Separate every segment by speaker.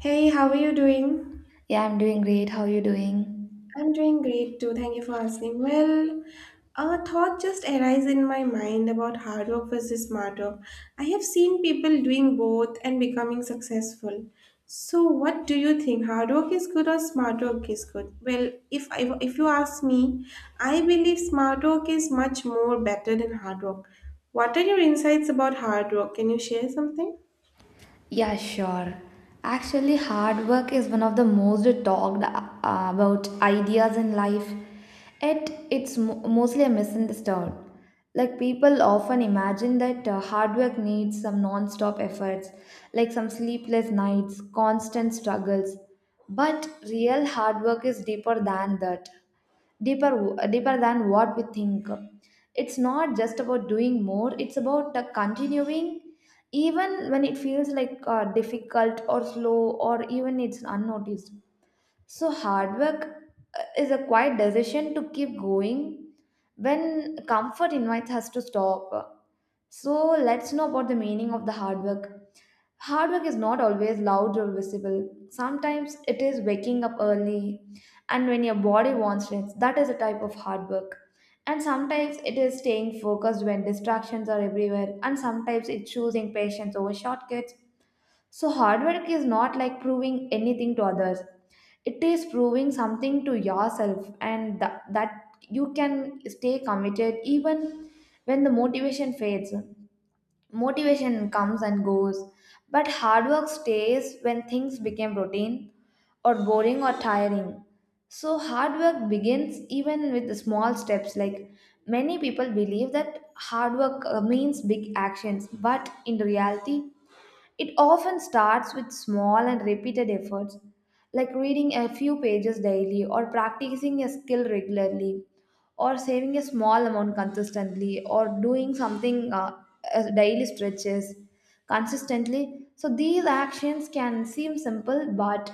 Speaker 1: Hey, how are you doing?
Speaker 2: Yeah, I'm doing great. How are you doing?
Speaker 1: I'm doing great too. Thank you for asking. Well, a thought just arises in my mind about hard work versus smart work. I have seen people doing both and becoming successful. So, what do you think? Hard work is good or smart work is good? Well, if you ask me, I believe smart work is much more better than hard work. What are your insights about hard work? Can you share something?
Speaker 2: Yeah, sure. Actually, hard work is one of the most talked about ideas in life. Yet, it's mostly a misunderstood. Like people often imagine that hard work needs some non-stop efforts, like some sleepless nights, constant struggles. But real hard work is deeper than that. deeper deeper than what we think. It's not just about doing more. It's about continuing even when it feels like difficult or slow or even it's unnoticed. So hard work is a quiet decision to keep going when comfort invites us to stop. So let's know about the meaning of the hard work. Hard work is not always loud or visible. Sometimes it is waking up early and when your body wants rest. That is a type of hard work. And sometimes it is staying focused when distractions are everywhere. And sometimes it's choosing patience over shortcuts. So hard work is not like proving anything to others. It is proving something to yourself, and that you can stay committed even when the motivation fades. Motivation comes and goes, but hard work stays when things become routine or boring or tiring. So, hard work begins even with the small steps. Like many people believe that hard work means big actions, but in reality, it often starts with small and repeated efforts, like reading a few pages daily, or practicing a skill regularly, or saving a small amount consistently, or doing something as daily stretches consistently. So, these actions can seem simple, but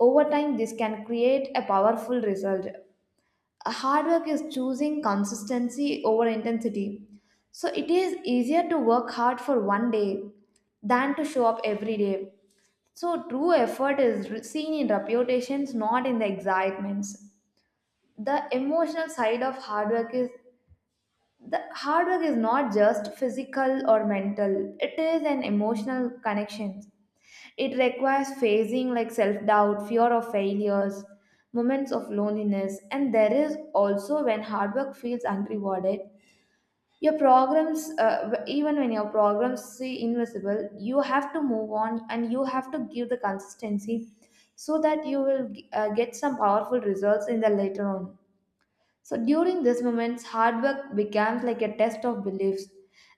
Speaker 2: over time, this can create a powerful result. A hard work is choosing consistency over intensity. So it is easier to work hard for one day than to show up every day. So true effort is seen in reputations, not in the excitements. The emotional side of hard work is the hard work is not just physical or mental. It is an emotional connection. It requires facing like self-doubt, fear of failures, moments of loneliness, and there is also when hard work feels unrewarded. Your programs, even when your programs see invisible, you have to move on and you have to give the consistency so that you will get some powerful results in the later on. So during these moments, hard work becomes like a test of beliefs,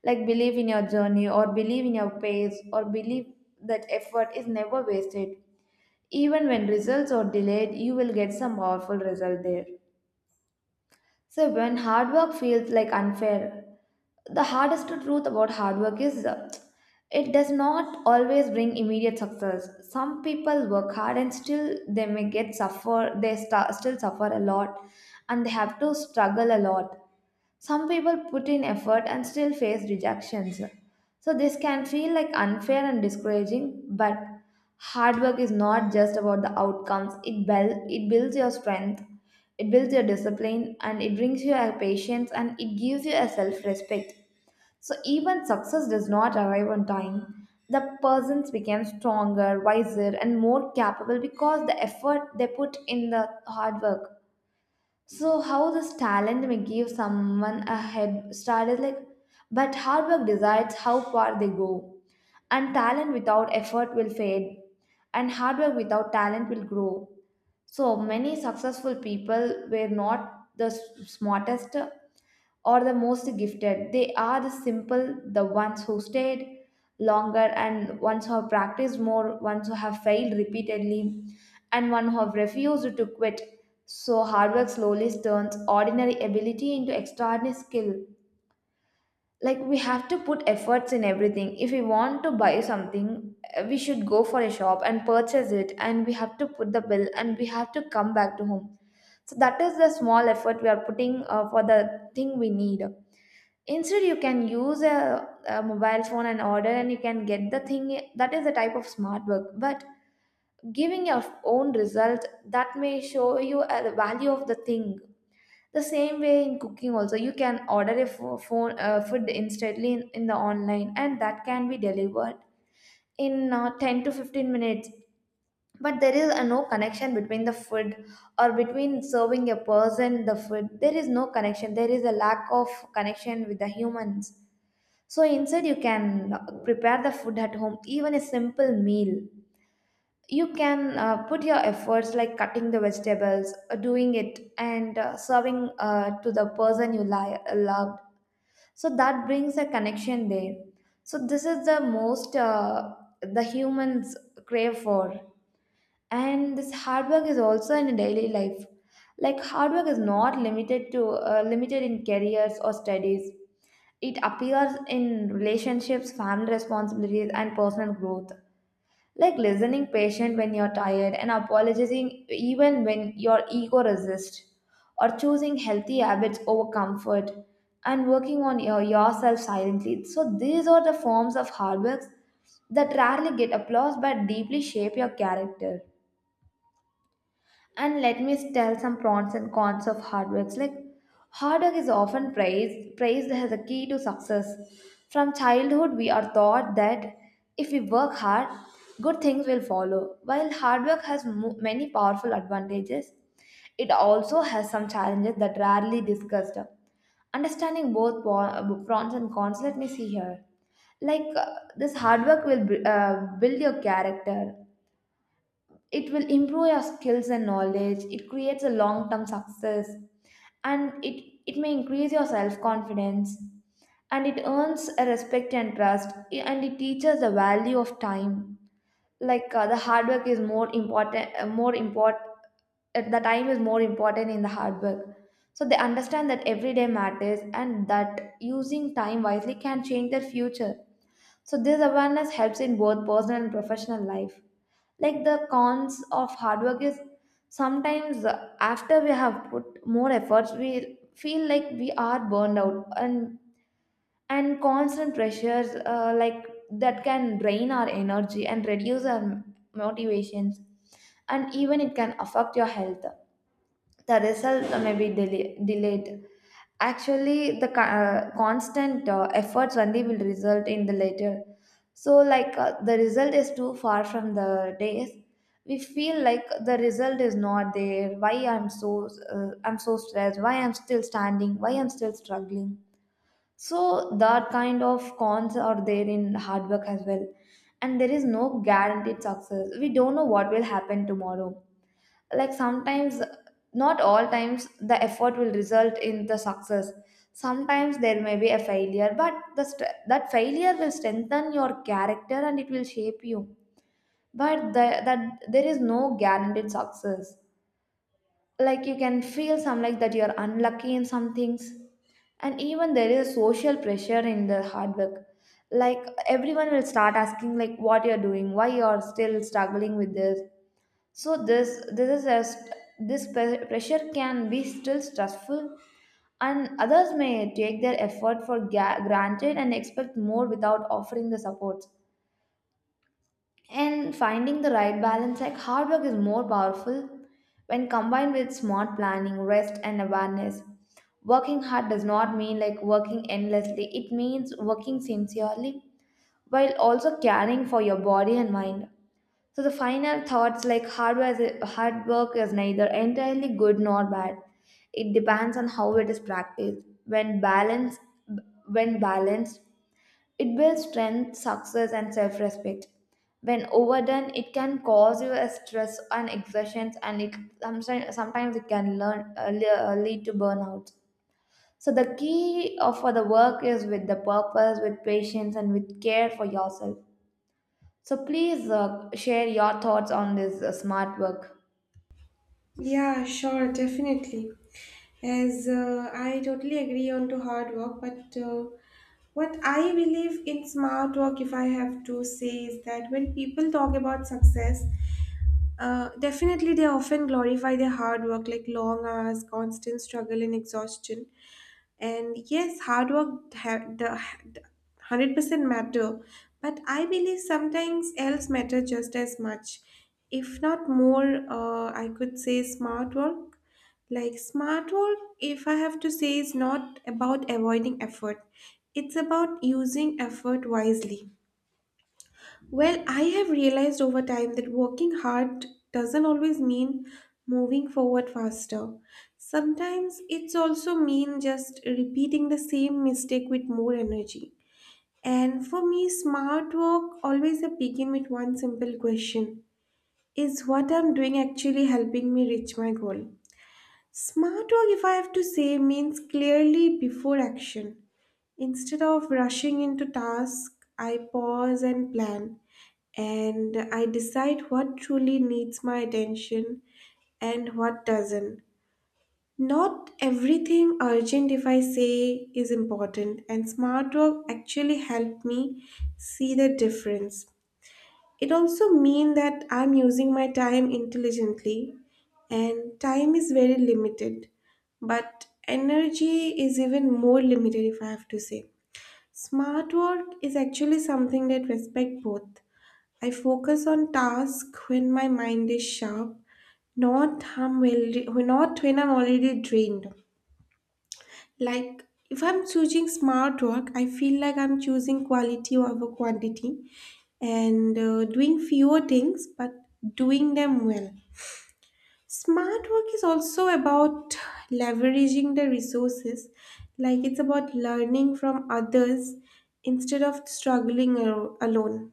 Speaker 2: like belief in your journey or believe in your pace or believe that effort is never wasted. Even when results are delayed, you will get some powerful result there. So when hard work feels like unfair, the hardest truth about hard work is it does not always bring immediate success. Some people work hard and still they may get suffer. They still suffer a lot, and they have to struggle a lot. Some people put in effort and still face rejections. So this can feel like unfair and discouraging, but hard work is not just about the outcomes. It builds your strength, it builds your discipline, and it brings you a patience and it gives you a self-respect. So even success does not arrive on time. The persons become stronger, wiser, and more capable because the effort they put in the hard work. So how this talent may give someone a head start is like, but hard work decides how far they go, and talent without effort will fade, and hard work without talent will grow. So many successful people were not the smartest, or the most gifted. They are the simple, the ones who stayed longer and ones who have practiced more, ones who have failed repeatedly, and one who have refused to quit. So hard work slowly turns ordinary ability into extraordinary skill. Like we have to put efforts in everything. If we want to buy something, we should go for a shop and purchase it, and we have to put the bill, and we have to come back to home. So that is the small effort we are putting for the thing we need. Instead, you can use a mobile phone and order, and you can get the thing. That is the type of smart work. But giving your own result that may show you the value of the thing. The same way in cooking, also you can order a phone food instantly in the online, and that can be delivered in 10 to 15 minutes. But there is no connection between the food or between serving a person the food. There is no connection. There is a lack of connection with the humans. So instead, you can prepare the food at home, even a simple meal. You can put your efforts like cutting the vegetables, doing it, and serving to the person you loved. So that brings a connection there. So this is the most the humans crave for. And this hard work is also in daily life. Like hard work is not limited to limited in careers or studies. It appears in relationships, family responsibilities, and personal growth, like listening patient when you're tired, and apologizing even when your ego resists, or choosing healthy habits over comfort, and working on yourself silently. So these are the forms of hard works that rarely get applause but deeply shape your character. And let me tell some pros and cons of hard work. Like hard work is often praised as a key to success. From childhood, we are taught that if we work hard, good things will follow. While hard work has many powerful advantages, it also has some challenges that rarely discussed. Understanding both pros and cons, let me see here like this hard work will build your character. It will improve your skills and knowledge. It creates a long term success, and it may increase your self confidence, and it earns a respect and trust, and it teaches the value of time. Like the hard work is more important more important, the time is more important in the hard work. So they understand that every day matters and that using time wisely can change their future. So this awareness helps in both personal and professional life. Like the cons of hard work is sometimes after we have put more efforts, we feel like we are burned out, and constant pressures like that can drain our energy and reduce our motivations, and even it can affect your health. The result may be delayed. Actually the constant efforts only will result in the later. So like the result is too far from the days. We feel like the result is not there. Why I'm so I'm so stressed? Why I'm still standing? Why I'm still struggling? So that kind of cons are there in hard work as well. And there is no guaranteed success. We don't know what will happen tomorrow. Like sometimes, not all times the effort will result in the success. Sometimes there may be a failure, but that failure will strengthen your character and it will shape you. But that there is no guaranteed success. Like you can feel some like that you're unlucky in some things. And even there is social pressure in the hard work. Like everyone will start asking like what you're doing, why you're still struggling with this. So this is as this pressure can be still stressful. And others may take their effort for granted and expect more without offering the support. And finding the right balance, like hard work is more powerful when combined with smart planning, rest and awareness. Working hard does not mean like working endlessly, it means working sincerely while also caring for your body and mind. So the final thoughts, like hard work is neither entirely good nor bad. It depends on how it is practiced. When balanced, it builds strength, success, and self-respect. When overdone, it can cause you a stress and exertions, and it sometimes it can lead to burnout. So the key of for the work is with the purpose, with patience, and with care for yourself. So please share your thoughts on this smart work.
Speaker 1: Yeah, sure, definitely. As I totally agree on to hard work, but what I believe in smart work, if I have to say, is that when people talk about success, definitely they often glorify their hard work, like long hours, constant struggle, and exhaustion. And yes, hard work the 100% matter, but I believe sometimes else matter just as much if not more I could say smart work. Like smart work, if I have to say, is not about avoiding effort, it's about using effort wisely. Well, I have realized over time that working hard doesn't always mean moving forward faster. Sometimes it's also mean just repeating the same mistake with more energy. And for me, smart work always begin with one simple question: is what I'm doing actually helping me reach my goal? Smart work, if I have to say, means clearly before action. Instead of rushing into task, I pause and plan, and I decide what truly needs my attention and what doesn't. Not everything urgent, if I say, is important, and smart work actually helped me see the difference. It also means that I'm using my time intelligently, and time is very limited, but energy is even more limited if I have to say. Smart work is actually something that respects both. I focus on tasks when my mind is sharp, not when I'm already drained. Like, if I'm choosing smart work, I feel like I'm choosing quality over quantity, and doing fewer things but doing them well. Smart work is also about leveraging the resources, like, it's about learning from others instead of struggling alone.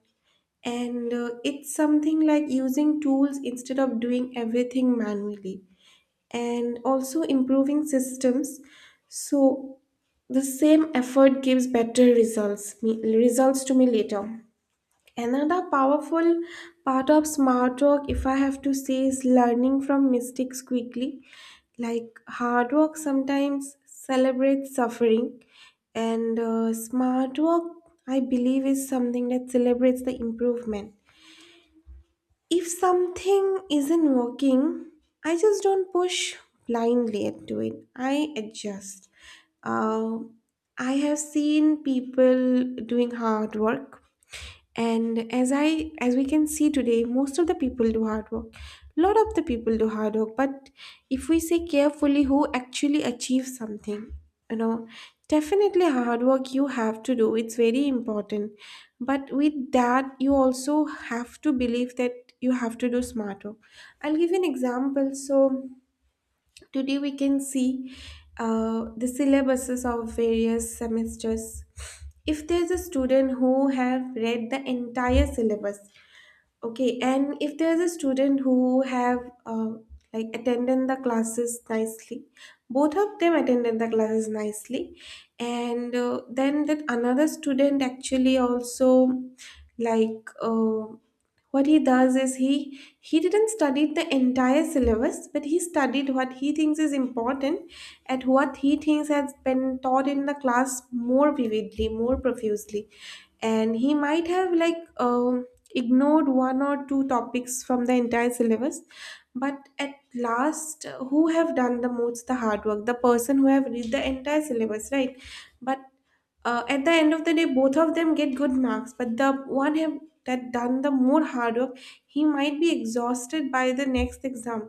Speaker 1: And it's something like using tools instead of doing everything manually, and also improving systems. So, the same effort gives better results to me later. Another powerful part of smart work, if I have to say, is learning from mistakes quickly. Like hard work sometimes celebrates suffering, and smart work, I believe, is something that celebrates the improvement. If something isn't working, I just don't push blindly into it. I adjust. Uh, I have seen people doing hard work, and as we can see today, most of the people do hard work, lot of the people do hard work, but if we say carefully who actually achieves something, you know, definitely hard work you have to do, it's very important, but with that you also have to believe that you have to do smart work. I'll give you an example. So today we can see the syllabuses of various semesters. If there's a student who have read the entire syllabus, okay, and if there's a student who have uh, like attended the classes nicely, both of them attended the classes nicely, and then that another student actually also like what he does is he didn't study the entire syllabus, but he studied what he thinks is important and what he thinks has been taught in the class more vividly, more profusely, and he might have like, ignored one or two topics from the entire syllabus, but at last, who have done the most the hard work? The person who have read the entire syllabus, right? But at the end of the day both of them get good marks, but the one have that done the more hard work, he might be exhausted by the next exam,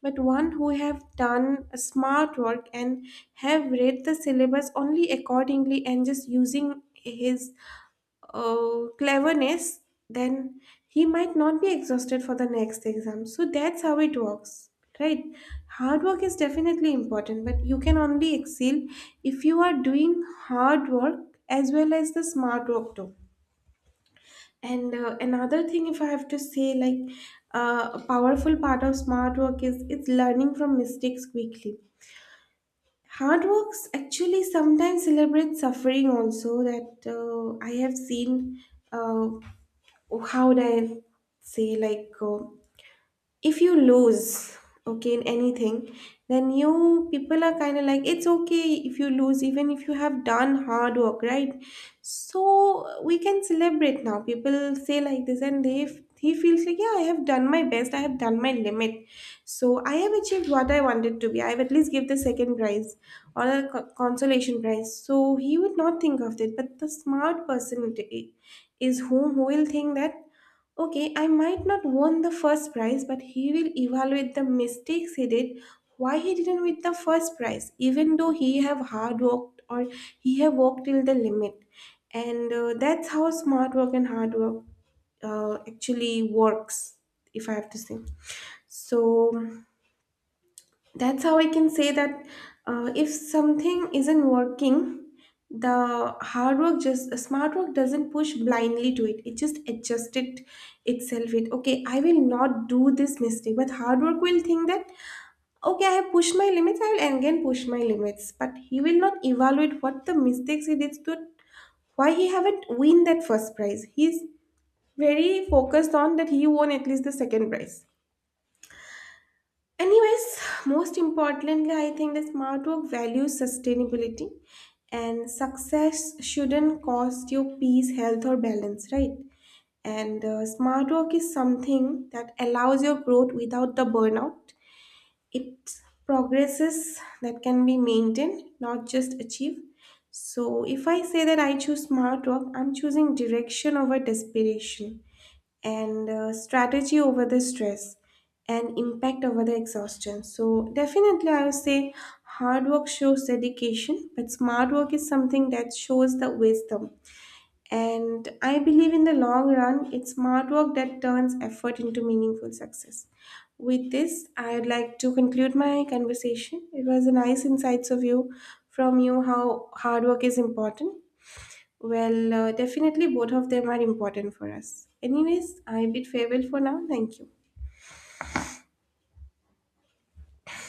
Speaker 1: but one who have done a smart work and have read the syllabus only accordingly and just using his cleverness, then he might not be exhausted for the next exam. So that's how it works, right? Hard work is definitely important, but you can only excel if you are doing hard work as well as the smart work too. And another thing, if I have to say, like a powerful part of smart work is it's learning from mistakes quickly. Hard works actually sometimes celebrate suffering also, that I have seen. uh, how would I say, like, if you lose, okay, in anything, then you people are kind of like it's okay if you lose even if you have done hard work, right? So we can celebrate. Now people say like this, and they he feels like, yeah, I have done my best, I have done my limit, so I have achieved what I wanted to be, I have at least give the second prize or a consolation prize, so he would not think of it. But the smart person is whom who will think that, okay, I might not won the first prize, but he will evaluate the mistakes he did, why he didn't win the first prize, even though he have hard worked or he have worked till the limit. And that's how smart work and hard work actually works, if I have to say. So that's how I can say that, if something isn't working, the hard work just smart work doesn't push blindly to it, it just adjusts it itself with, okay, I will not do this mistake. But hard work will think that, okay, I have pushed my limits, I will again push my limits, but he will not evaluate what the mistakes he did to why he haven't win that first prize. He's very focused on that he won at least the second prize. Anyways, most importantly, I think that smart work values sustainability, and success shouldn't cost you peace, health, or balance, right? And smart work is something that allows your growth without the burnout. It progresses that can be maintained, not just achieved. So, if I say that I choose smart work, I'm choosing direction over desperation, and strategy over the stress, and impact over the exhaustion. So definitely I would say hard work shows dedication, but smart work is something that shows the wisdom, and I believe in the long run it's smart work that turns effort into meaningful success. With this I'd like to conclude my conversation. It was a nice insights of you, from you, how hard work is important. Well, definitely both of them are important for us. Anyways, I bid farewell for now. Thank you.